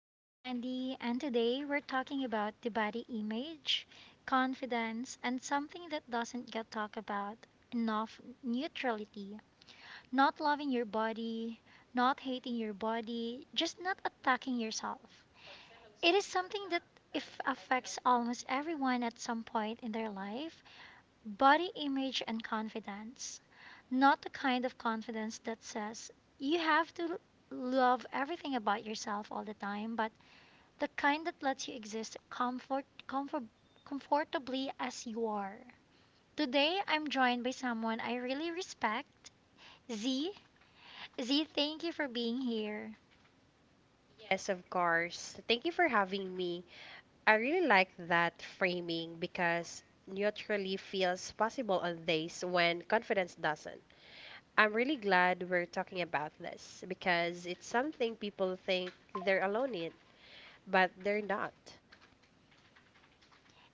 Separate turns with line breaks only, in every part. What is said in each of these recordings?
I'm Andy and today we're talking about the body image, confidence, and something that doesn't get talked about enough neutrality. Not loving your body, not hating your body, just not attacking yourself. It is something that if affects almost everyone at some point in their life, body image and confidence, not the kind of confidence that says you have to love everything about yourself all the time, but the kind that lets you exist comfortably as you are. Today, I'm joined by someone I really respect, Z. Z, thank you for being here.
Yes, of course. Thank you for having me. I really like that framing because neutrally feels possible on days when confidence doesn't. I'm really glad we're talking about this because it's something people think they're alone in, but they're not.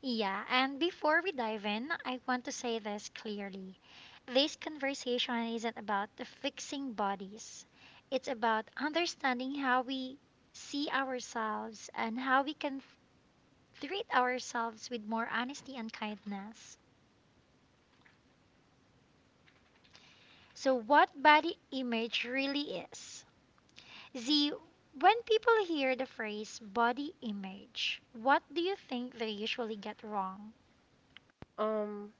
Yeah, and before we dive in, I want to say this clearly. This conversation isn't about the fixing bodies. It's about understanding how we see ourselves and how we can treat ourselves with more honesty and kindness. So, what body image really is? Z, when people hear the phrase body image, what do you think they usually get wrong?
Um,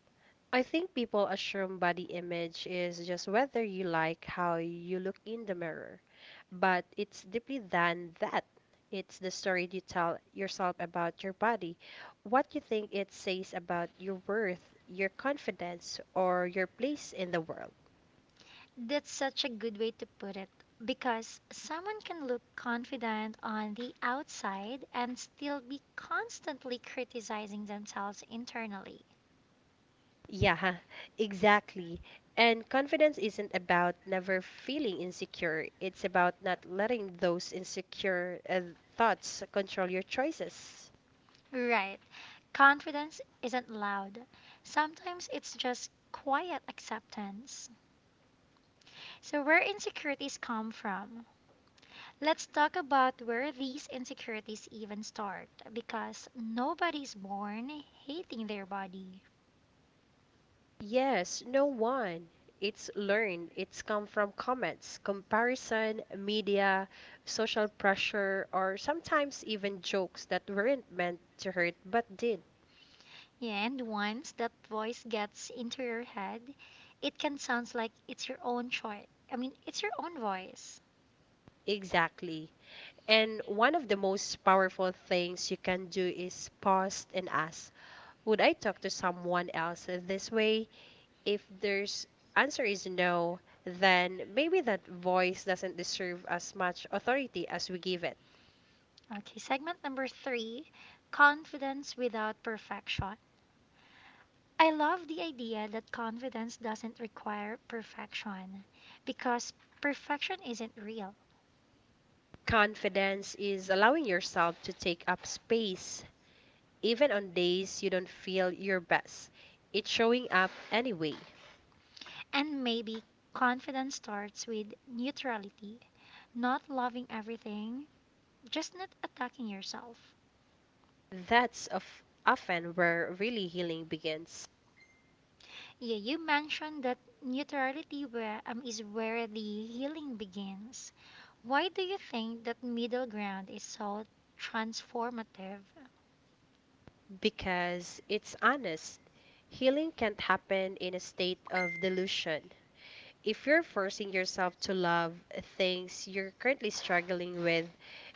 I think people assume body image is just whether you like how you look in the mirror, but it's deeply than that. It's the story you tell yourself about your body, what you think it says about your worth, your confidence, or your place in the world.
That's such a good way to put it because someone can look confident on the outside and still be constantly criticizing themselves internally.
Yeah, exactly. And confidence isn't about never feeling insecure, it's about not letting those insecure thoughts control your choices.
Right. Confidence isn't loud, sometimes it's just quiet acceptance. So, where insecurities come from? Let's talk about where these insecurities even start because nobody's born hating their body.
Yes, no one. It's learned. It's come from comments, comparison, media, social pressure, or sometimes even jokes that weren't meant to hurt but did.
Yeah, and once that voice gets into your head, it can sound like it's your own choice. I mean, it's your own voice.
Exactly. And one of the most powerful things you can do is pause and ask, would I talk to someone else this way? If there's answer is no, then maybe that voice doesn't deserve as much authority as we give it.
Okay, segment number three confidence without perfection. I love the idea that confidence doesn't require perfection because perfection isn't real.
Confidence is allowing yourself to take up space even on days you don't feel your best. It's showing up anyway.
And maybe confidence starts with neutrality, not loving everything, just not attacking yourself.
That's of often where really healing begins
Yeah, you mentioned that neutrality where, is where the healing begins. Why do you think that middle ground is so transformative?
because it's honest. Healing can't happen in a state of delusion. If you're forcing yourself to love things you're currently struggling with,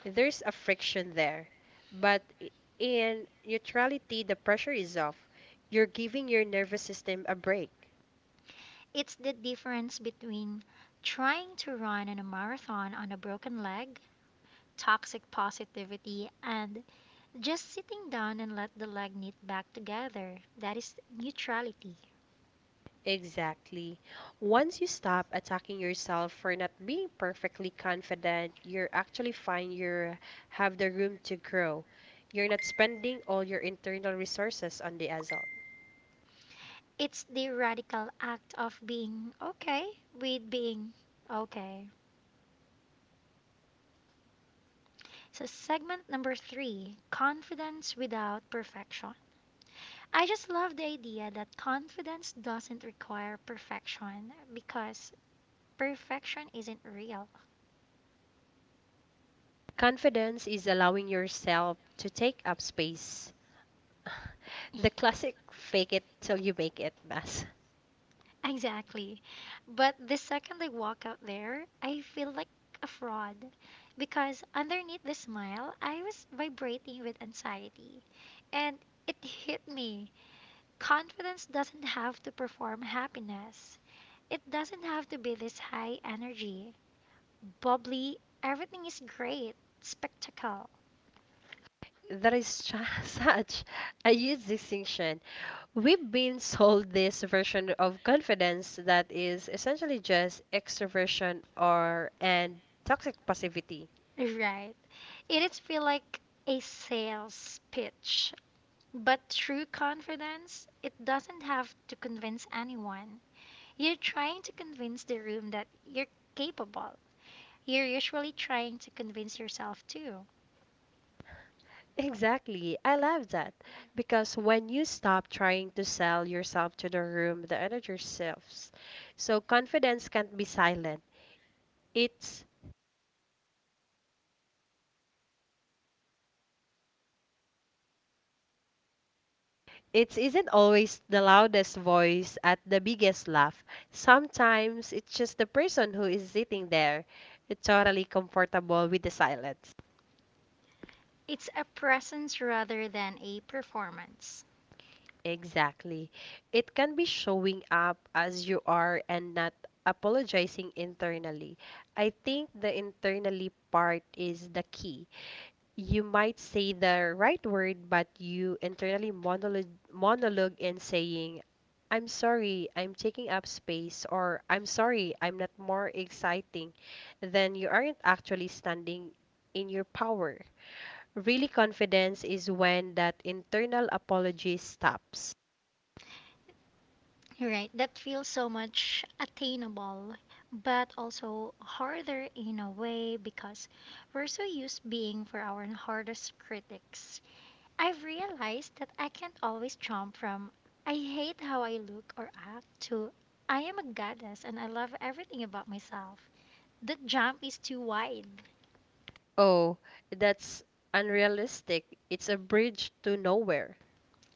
there's a friction there. But in neutrality, the pressure is off. You're giving your nervous system a break.
It's the difference between trying to run in a marathon on a broken leg, toxic positivity, and just sitting down and let the leg knit back together. That is neutrality.
Exactly. Once you stop attacking yourself for not being perfectly confident, you're actually find you have the room to grow. You're not spending all your internal resources on the assault.
It's the radical act of being okay with being okay. So, segment number three confidence without perfection. I just love the idea that confidence doesn't require perfection because perfection isn't real. Confidence
Confidence
is
is allowing
allowing ourselves
yourself
to
to
take
take
up
up
space.
space.
The
The
classic
classic
fake
fake
it
it
till
till
you
you make
make
it
it
mess.
lesson. Exactly. But the second I walk out there, I feel like a fraud because underneath the smile, I was vibrating with anxiety. And it hit me. Confidence doesn't have to perform happiness, it doesn't have to be this high energy, bubbly, everything is great, spectacle.
There is such a huge distinction. We've been sold this version of confidence that is essentially just extroversion or and toxic passivity.
Right. It is feel like a sales pitch. But true confidence, it doesn't have to convince anyone. You're trying to convince the room that you're capable. You're usually trying to convince yourself too.
Exactly. I love that. Because when you stop trying to sell yourself to the room, the energy shifts. So confidence can't be silent. It's It isn't always the loudest voice at the biggest laugh. Sometimes it's just the person who is sitting there, totally comfortable with the silence.
It's a presence rather than a performance,
Exactly. It can be showing up as you are and not apologizing internally. I think the internally part is the key. You might say the right word, but you internally monologue in saying, I'm sorry, I'm taking up space, or I'm sorry, I'm not more exciting, then you aren't actually standing in your power. Really, confidence is when that internal apology stops.
right? That feels so much attainable, but also harder in a way because we're so used being for our hardest critics, I've realized that I can't always jump from I hate how I look or act to I am a goddess and I love everything about myself. The jump is too wide.
Oh, that's unrealistic. It's a bridge to nowhere.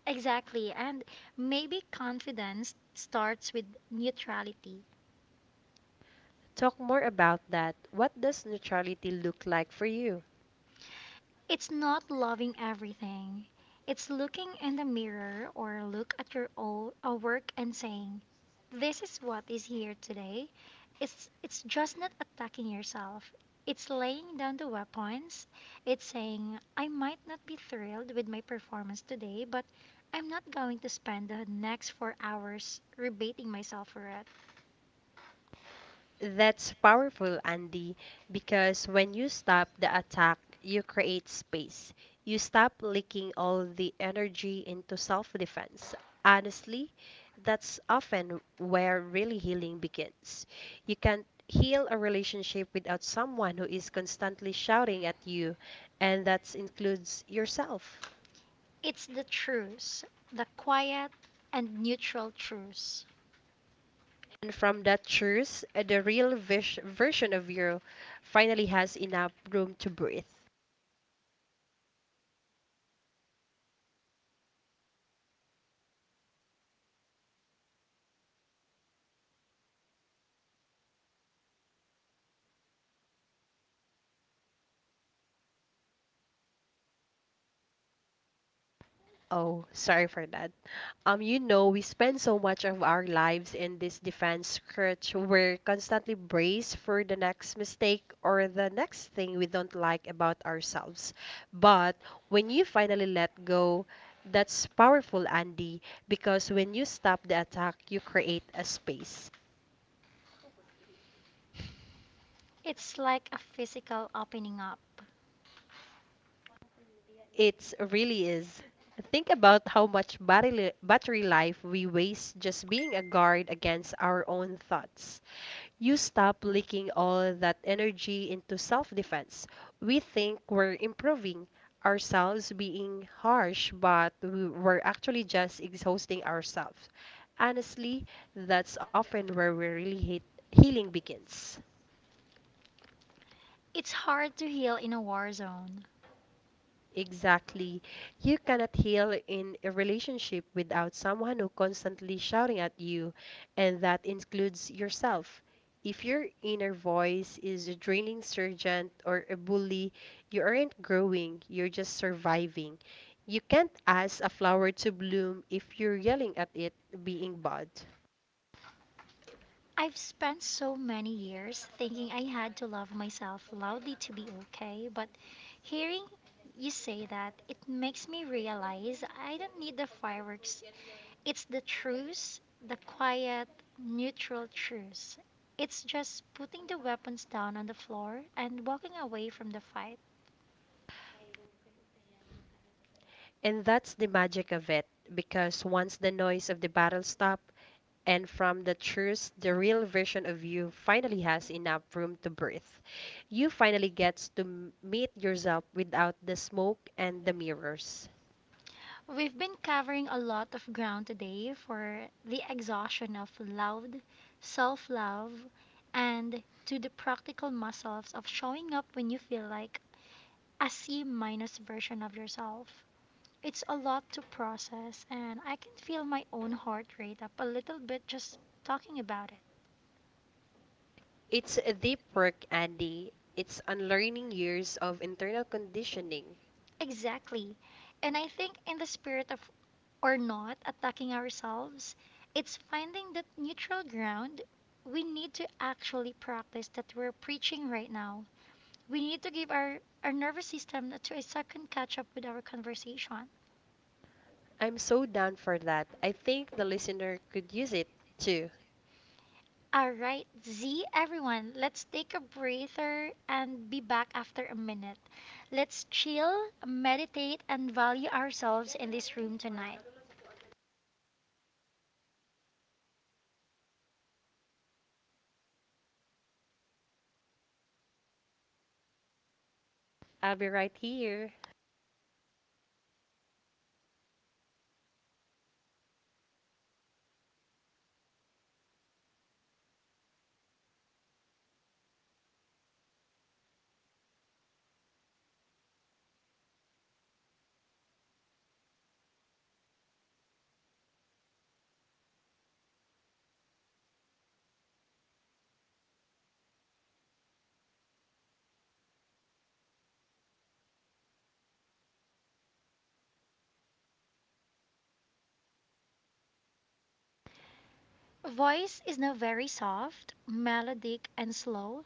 Exactly, and maybe confidence starts with neutrality.
Talk more about that. What does neutrality look like for you?
It's not loving everything. It's looking in the mirror or look at your own a work and saying, this is what is here today. It's just not attacking yourself. It's laying down the weapons. It's saying I might not be thrilled with my performance today, but I'm not going to spend the next 4 hours rebating myself for it.
That's powerful, Andy, because when you stop the attack, you create space. You stop leaking all the energy into self defense. Honestly, that's often where really healing begins. You can't heal a relationship without someone who is constantly shouting at you, and that includes yourself.
It's the truce, the quiet and neutral truce.
And from that truth, the real version of you finally has enough room to breathe. Oh, sorry for that. We spend so much of our lives in this defense stretch. We're constantly braced for the next mistake or the next thing we don't like about ourselves. But when you finally let go, that's powerful, Andy, because when you stop the attack, you create a space.
It's like a physical opening up.
It really is. Think about how much battery life we waste just being a guard against our own thoughts. You stop leaking all that energy into self defense. We think we're improving ourselves being harsh, but we're actually just exhausting ourselves. Honestly, that's often where we really hate healing begins.
It's hard to heal in a war zone.
Exactly. You cannot heal in a relationship without someone who constantly shouting at you, and that includes yourself. If your inner voice is a draining sergeant or a bully, you aren't growing, you're just surviving. You can't ask a flower to bloom if you're yelling at it being bad.
I've spent so many years thinking I had to love myself loudly to be okay, but hearing you say that, it makes me realize I don't need the fireworks. It's the truce, the quiet, neutral truce. It's just putting the weapons down on the floor and walking away from the fight.
And that's the magic of it, because once the noise of the battle stops, and from the truth, the real version of you finally has enough room to breathe. You finally gets to meet yourself without the smoke and the mirrors.
We've been covering a lot of ground today for the exhaustion of loud self love and to the practical muscles of showing up when you feel like a C minus version of yourself. It's a lot to process, and I can feel my own heart rate up a little bit just talking about it.
It's a deep work, Andy. It's unlearning years of internal conditioning.
Exactly. And I think in the spirit of or not attacking ourselves, it's finding that neutral ground. We need to actually practice that we're preaching right now. We need to give our nervous system to a second catch up with our conversation.
I'm so down for that. I think the listener could use it too.
All right, Z, everyone, let's take a breather and be back after a minute. Let's chill, meditate, and value ourselves in this room tonight.
I'll be right here.
Voice is now very soft, melodic, and slow.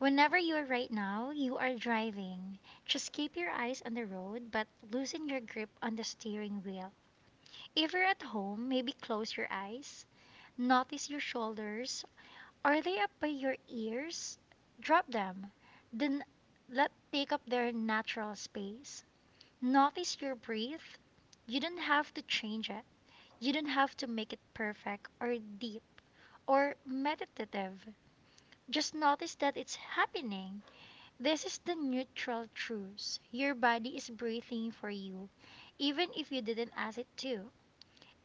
Whenever you are right now, you are driving. Just keep your eyes on the road, but loosen your grip on the steering wheel. If you're at home, maybe close your eyes. Notice your shoulders. Are they up by your ears? Drop them. Then let take up their natural space. Notice your breath. You don't have to change it. You don't have to make it perfect or deep or meditative. Just notice that it's happening. This is the neutral truth. Your body is breathing for you, even if you didn't ask it to.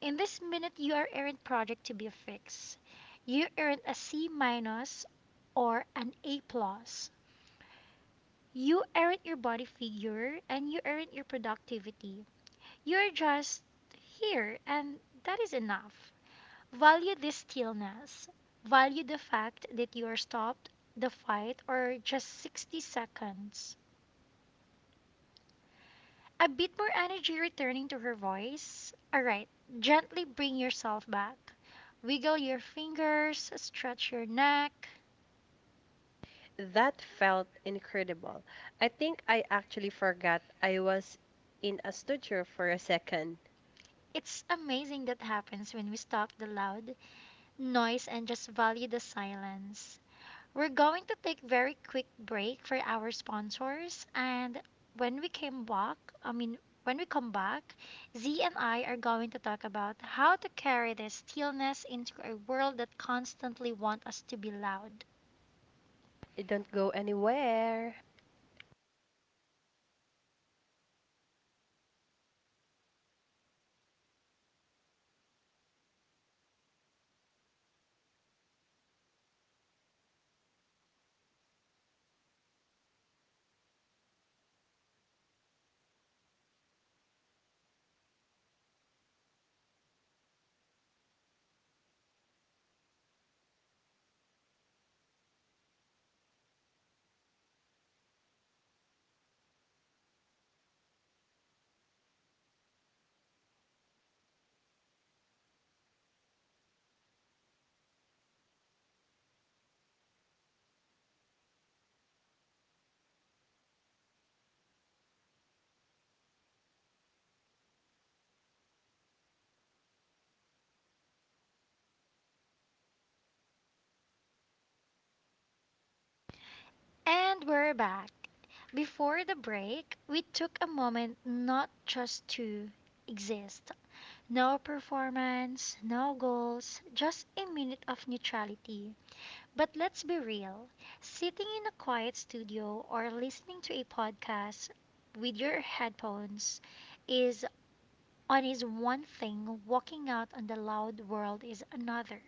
In this minute, you are aren't project to be fixed. You aren't a C minus or an A plus. You aren't your body figure and you aren't your productivity. You're just here, and that is enough. Value this stillness. Value the fact that you are stopped the fight or just 60 seconds. A bit more energy returning to her voice. Alright, gently bring yourself back. Wiggle your fingers, stretch your neck,
That felt incredible. I think I actually forgot I was in a studio for a second.
it's amazing that happens when we stop the loud noise and just value the silence. We're going to take very quick break for our sponsors and when we came back, I mean when we come back, Z and I are going to talk about how to carry this stillness into a world that constantly wants us to be loud.
It don't go anywhere.
And we're back. Before the break, we took a moment not just to exist, no performance, no goals, just a minute of neutrality. But let's be real sitting in a quiet studio or listening to a podcast with your headphones is on is one thing, walking out on the loud world is another.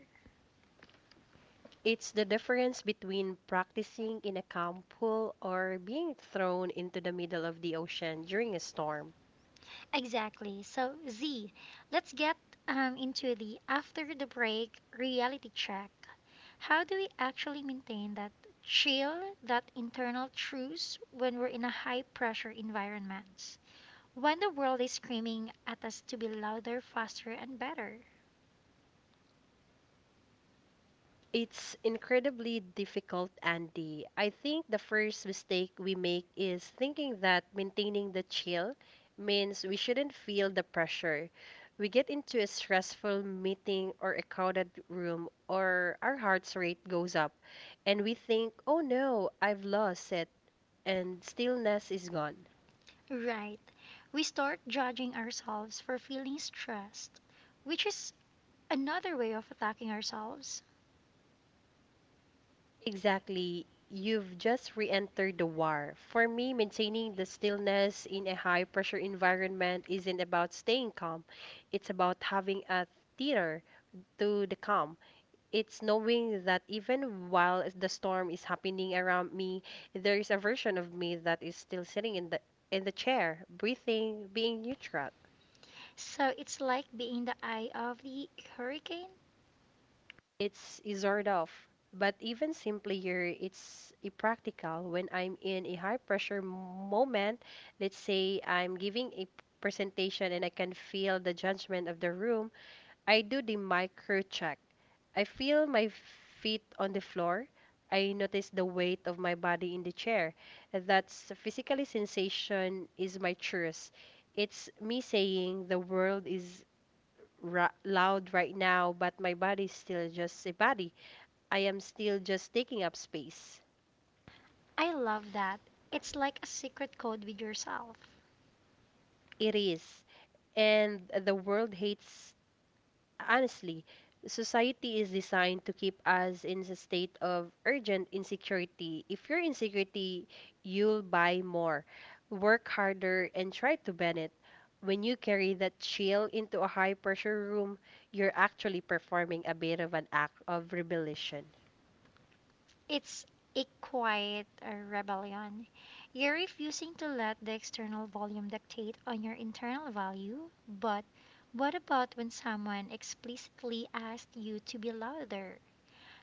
It's the difference between practicing in a calm pool or being thrown into the middle of the ocean during a storm.
Exactly. So, Z, let's get into the after the break reality check. How do we actually maintain that chill, that internal truce when we're in a high pressure environment? When the world is screaming at us to be louder, faster, and better?
It's incredibly difficult, Andy. I think the first mistake we make is thinking that maintaining the chill means we shouldn't feel the pressure. We get into a stressful meeting or a crowded room, or our heart rate goes up, and we think, oh no, I've lost it. And stillness is gone.
Right. We start judging ourselves for feeling stressed, which is another way of attacking ourselves.
Exactly. You've just re entered the war. For me, maintaining the stillness in a high pressure environment isn't about staying calm, it's about having a theater to the calm. It's knowing that even while the storm is happening around me, there is a version of me that is still sitting in the chair, breathing, being neutral.
So it's like being the eye of the hurricane.
It's a sort of, but even simpler, it's a practical. When I'm in a high pressure moment, let's say I'm giving a presentation and I can feel the judgment of the room, I do the micro check. I feel my feet on the floor. I notice the weight of my body in the chair. That's physically sensation is my truth. It's me saying the world is loud right now, but my body is still just a body. I am still just taking up space.
I love that. It's like a secret code with yourself.
It is. And the world hates, honestly, society is designed to keep us in a state of urgent insecurity. If you're insecurity, you'll buy more, work harder, and try to bend it. When you carry that chill into a high pressure room, you're actually performing a bit of an act of rebellion.
It's a quiet rebellion. You're refusing to let the external volume dictate on your internal value, but what about when someone explicitly asked you to be louder?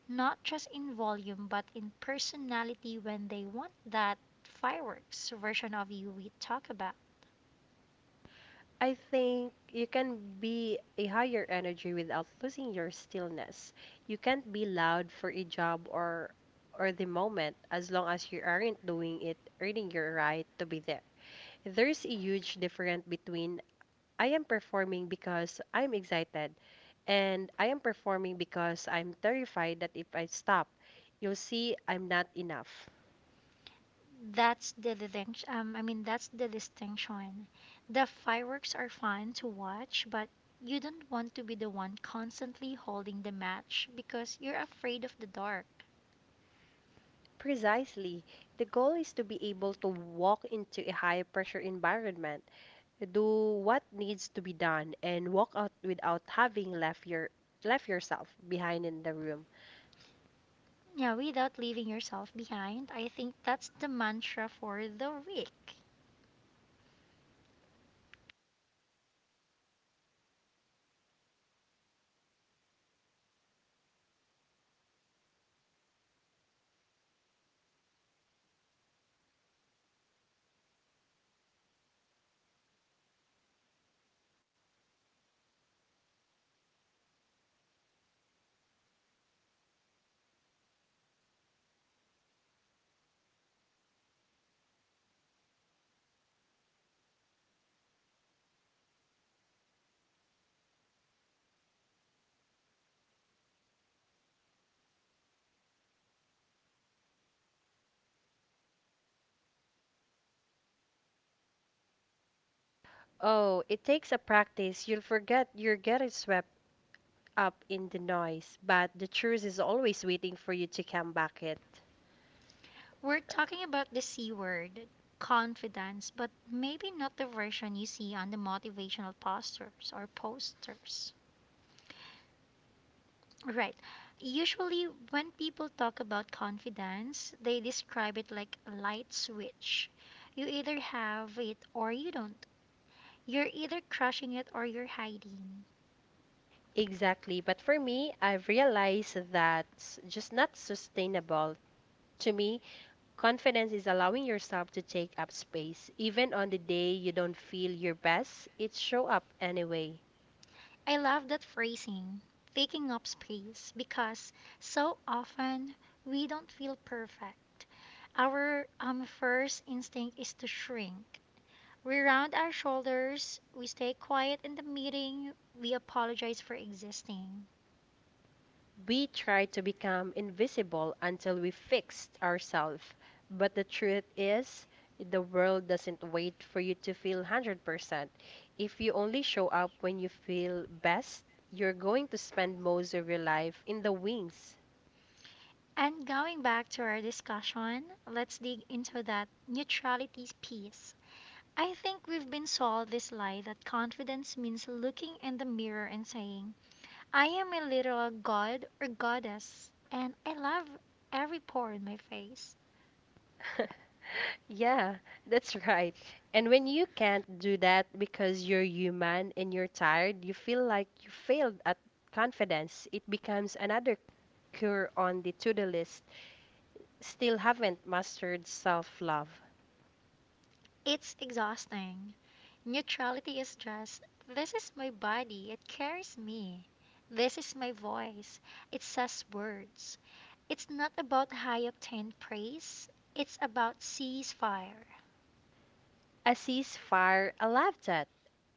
Not just in volume, but in personality when they want that fireworks version of you we talk about.
I think you can be a higher energy without losing your stillness. You can't be loud for a job or the moment as long as you aren't doing it earning your right to be there. There's a huge difference between I am performing because I'm excited and I am performing because I'm terrified that if I stop, you'll see I'm not enough.
That's the distinction. I mean, that's the distinction. The fireworks are fun to watch, but you don't want to be the one constantly holding the match because you're afraid of the dark.
Precisely. The goal is to be able to walk into a high pressure environment, do what needs to be done, and walk out without having left yourself behind in the room.
Yeah, without leaving yourself behind, I think that's the mantra for the week.
Oh, it takes a practice. You'll forget you're getting swept up in the noise, but the truth is always waiting for you to come back it.
We're talking about the C word, confidence, but maybe not the version you see on the motivational posters or posters. Right. Usually, when people talk about confidence, they describe it like a light switch. You either have it or you don't. You're either crushing it or you're hiding.
Exactly. But for me, I've realized that's just not sustainable. To me, confidence is allowing yourself to take up space. Even on the day you don't feel your best, it show up anyway.
I love that phrasing, taking up space, because so often we don't feel perfect. Our first instinct is to shrink. We round our shoulders, we stay quiet in the meeting, we apologize for existing.
We try to become invisible until we fixed ourselves. But the truth is, the world doesn't wait for you to feel 100%. If you only show up when you feel best, you're going to spend most of your life in the wings.
And going back to our discussion, let's dig into that neutrality piece. I think we've been sold this lie that confidence means looking in the mirror and saying, I am a literal god or goddess, and I love every pore in my face.
Yeah, that's right. And when you can't do that because you're human and you're tired, you feel like you failed at confidence. It becomes another cure on the to-do list. Still haven't mastered self-love.
It's exhausting. Neutrality is just this is my body, it carries me. This is my voice, it says words. It's not about high octane praise, it's about ceasefire.
A ceasefire, I love that.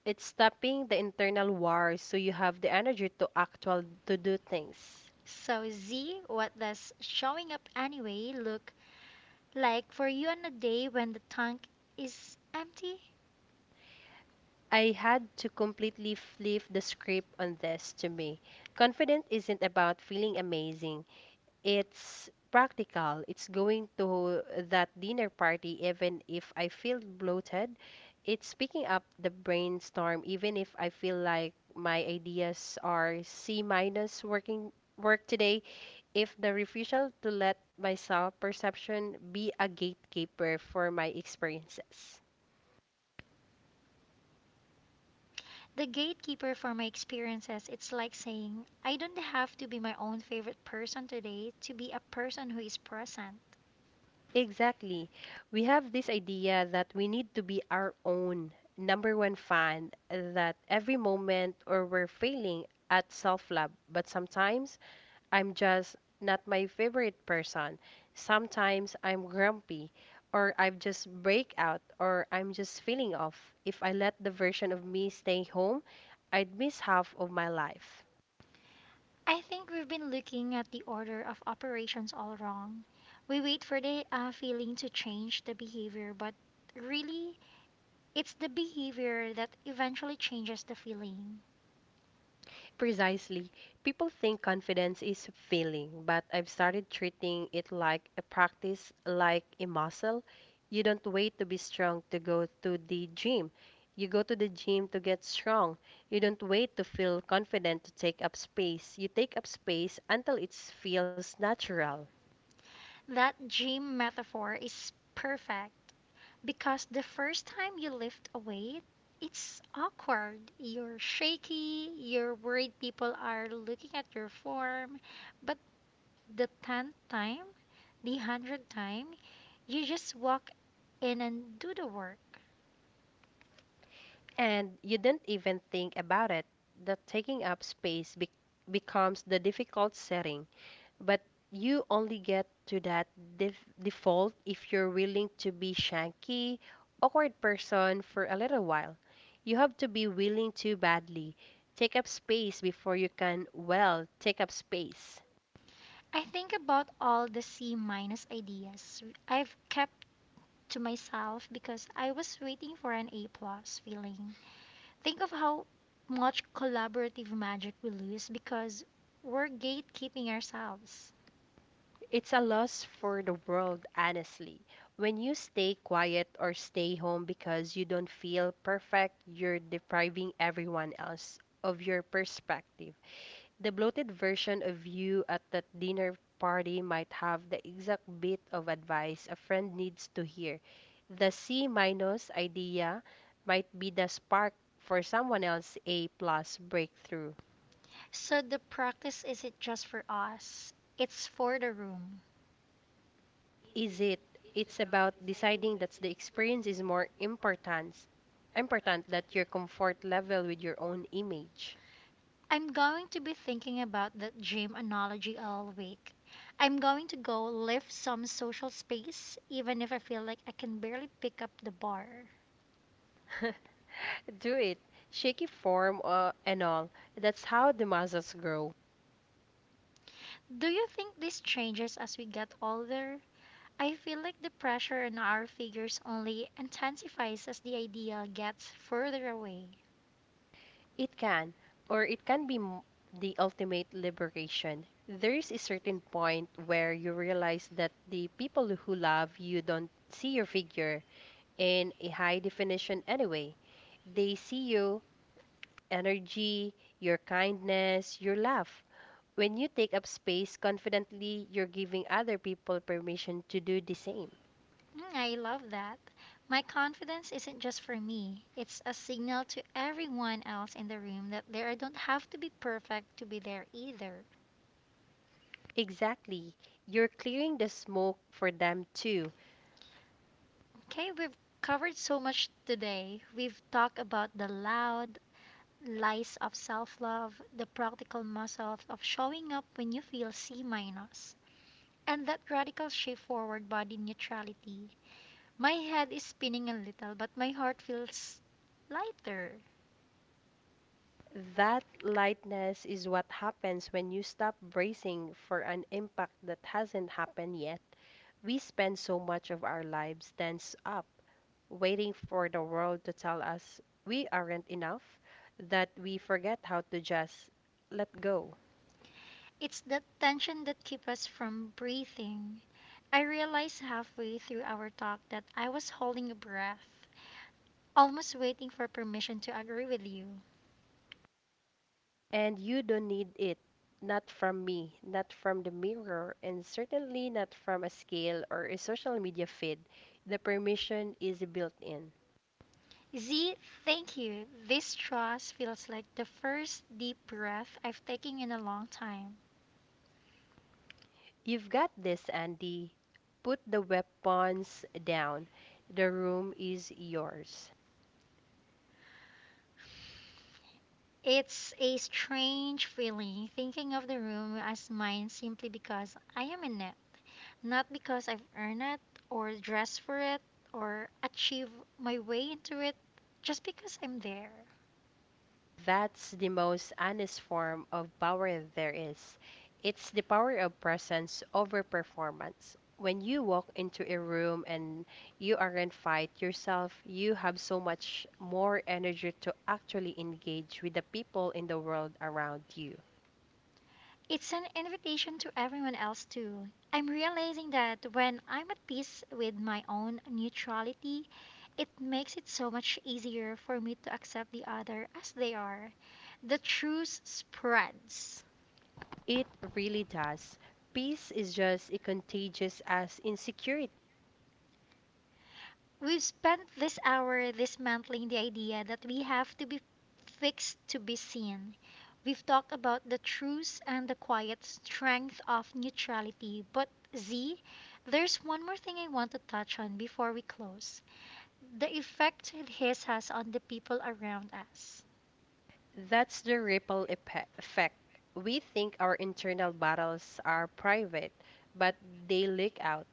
It's stopping the internal war so you have the energy to actual to do things.
So, Z, what does showing up anyway look like for you on a day when the tank is empty?
I had to completely flip the script on this to me. Confident isn't about feeling amazing. It's practical. It's going to that dinner party, even if I feel bloated. It's picking up the brainstorm, even if I feel like my ideas are C minus work today. If the refusal to let my self perception be a gatekeeper for my experiences.
The gatekeeper for my experiences, it's like saying, I don't have to be my own favorite person today to be a person who is present.
Exactly. We have this idea that we need to be our own number one fan, that every moment or we're failing at self-love. But sometimes I'm just not my favorite person. Sometimes I'm grumpy, or I just break out, or I'm just feeling off. If I let the version of me stay home, I'd miss half of my life.
I think we've been looking at the order of operations all wrong. We wait for the feeling to change the behavior, but really, it's the behavior that eventually changes the feeling.
Precisely. People think confidence is a feeling, but I've started treating it like a practice, like a muscle. You don't wait to be strong to go to the gym. You go to the gym to get strong. You don't wait to feel confident to take up space. You take up space until it feels natural.
That gym metaphor is perfect because the first time you lift a weight, it's awkward. You're shaky, you're worried people are looking at your form, but the 10th time, the 100th time, you just walk in and do the work.
And you don't even think about it. The taking up space becomes the difficult setting. But you only get to that default if you're willing to be shanky, awkward person for a little while. You have to be willing to badly take up space before you can, well, take up space.
I think about all the C minus ideas I've kept to myself because I was waiting for an A plus feeling. Think of how much collaborative magic we lose because we're gatekeeping ourselves.
It's a loss for the world, honestly. When you stay quiet or stay home because you don't feel perfect, you're depriving everyone else of your perspective. The bloated version of you at that dinner party might have the exact bit of advice a friend needs to hear. The C minus idea might be the spark for someone else's A plus breakthrough.
So the practice isn't just for us, it's for the room.
Is it? It's about deciding that the experience is more important important than your comfort level with your own image.
I'm going to be thinking about that gym analogy all week. I'm going to go lift some social space, even if I feel like I can barely pick up the bar.
Do it shaky form and all that's how the muscles grow.
Do you think this changes as we get older? I feel like the pressure on our figures only intensifies as the ideal gets further away.
It can, or it can be the ultimate liberation. There is a certain point where you realize that the people who love you don't see your figure in a high definition anyway. They see you, energy, your kindness, your laugh. When you take up space confidently, you're giving other people permission to do the same.
Mm, I love that. My confidence isn't just for me, it's a signal to everyone else in the room that they don't have to be perfect to be there either.
Exactly. You're clearing the smoke for them too.
Okay, we've covered so much today. We've talked about the loud lies of self love, the practical muscle of showing up when you feel C minus, and that radical shift forward body neutrality. My head is spinning a little, but my heart feels lighter.
That lightness is what happens when you stop bracing for an impact that hasn't happened yet. We spend so much of our lives tense up, waiting for the world to tell us we aren't enough, that we forget how to just let go.
It's that tension that keeps us from breathing. I realized halfway through our talk that I was holding a breath, almost waiting for permission to agree with you.
And you don't need it, not from me, not from the mirror, and certainly not from a scale or a social media feed. The permission is built in.
Z, thank you. This trust feels like the first deep breath I've taken in a long time.
You've got this, Andy. Put the weapons down. The room is yours.
It's a strange feeling thinking of the room as mine simply because I am in it, not because I've earned it or dressed for it or achieved my way into it, just because I'm there.
That's the most honest form of power there is. It's the power of presence over performance. When you walk into a room and you aren't fight yourself, you have so much more energy to actually engage with the people in the world around you.
It's an invitation to everyone else, too. I'm realizing that when I'm at peace with my own neutrality, it makes it so much easier for me to accept the other as they are. The truth spreads.
It really does. Peace is just as contagious as insecurity.
We've spent this hour dismantling the idea that we have to be fixed to be seen. We've talked about the truths and the quiet strength of neutrality. But, Z, there's one more thing I want to touch on before we close the effect his has on the people around us.
That's the ripple effect. We think our internal battles are private, but they leak out.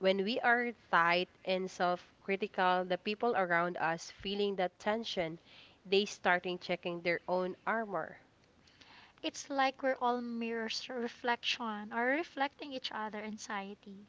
When we are tight and self critical, the people around us feeling that tension, they starting checking their own armor.
It's like we're all mirrors, reflection, or reflecting each other anxiety.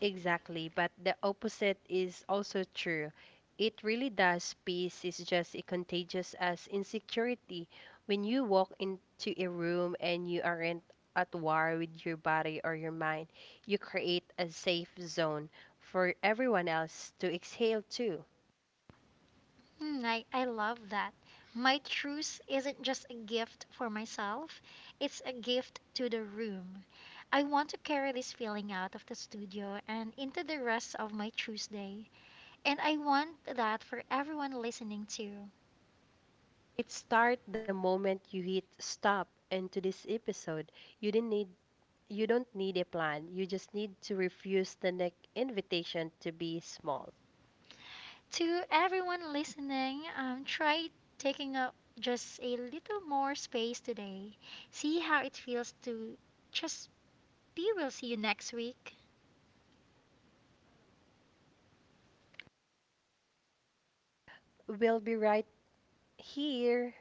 Exactly, but the opposite is also true. It really does. Peace is just as contagious as insecurity. When you walk into a room and you aren't at war with your body or your mind, you create a safe zone for everyone else to exhale to.
I love that. My truce isn't just a gift for myself, it's a gift to the room. I want to carry this feeling out of the studio and into the rest of my Tuesday. And I want that for everyone listening too.
It start the moment you hit stop and to this episode. You didn't need you don't need a plan. You just need to refuse the next invitation to be small.
To everyone listening, try taking up just a little more space today. See how it feels to just be. We'll see you next week.
We'll be right here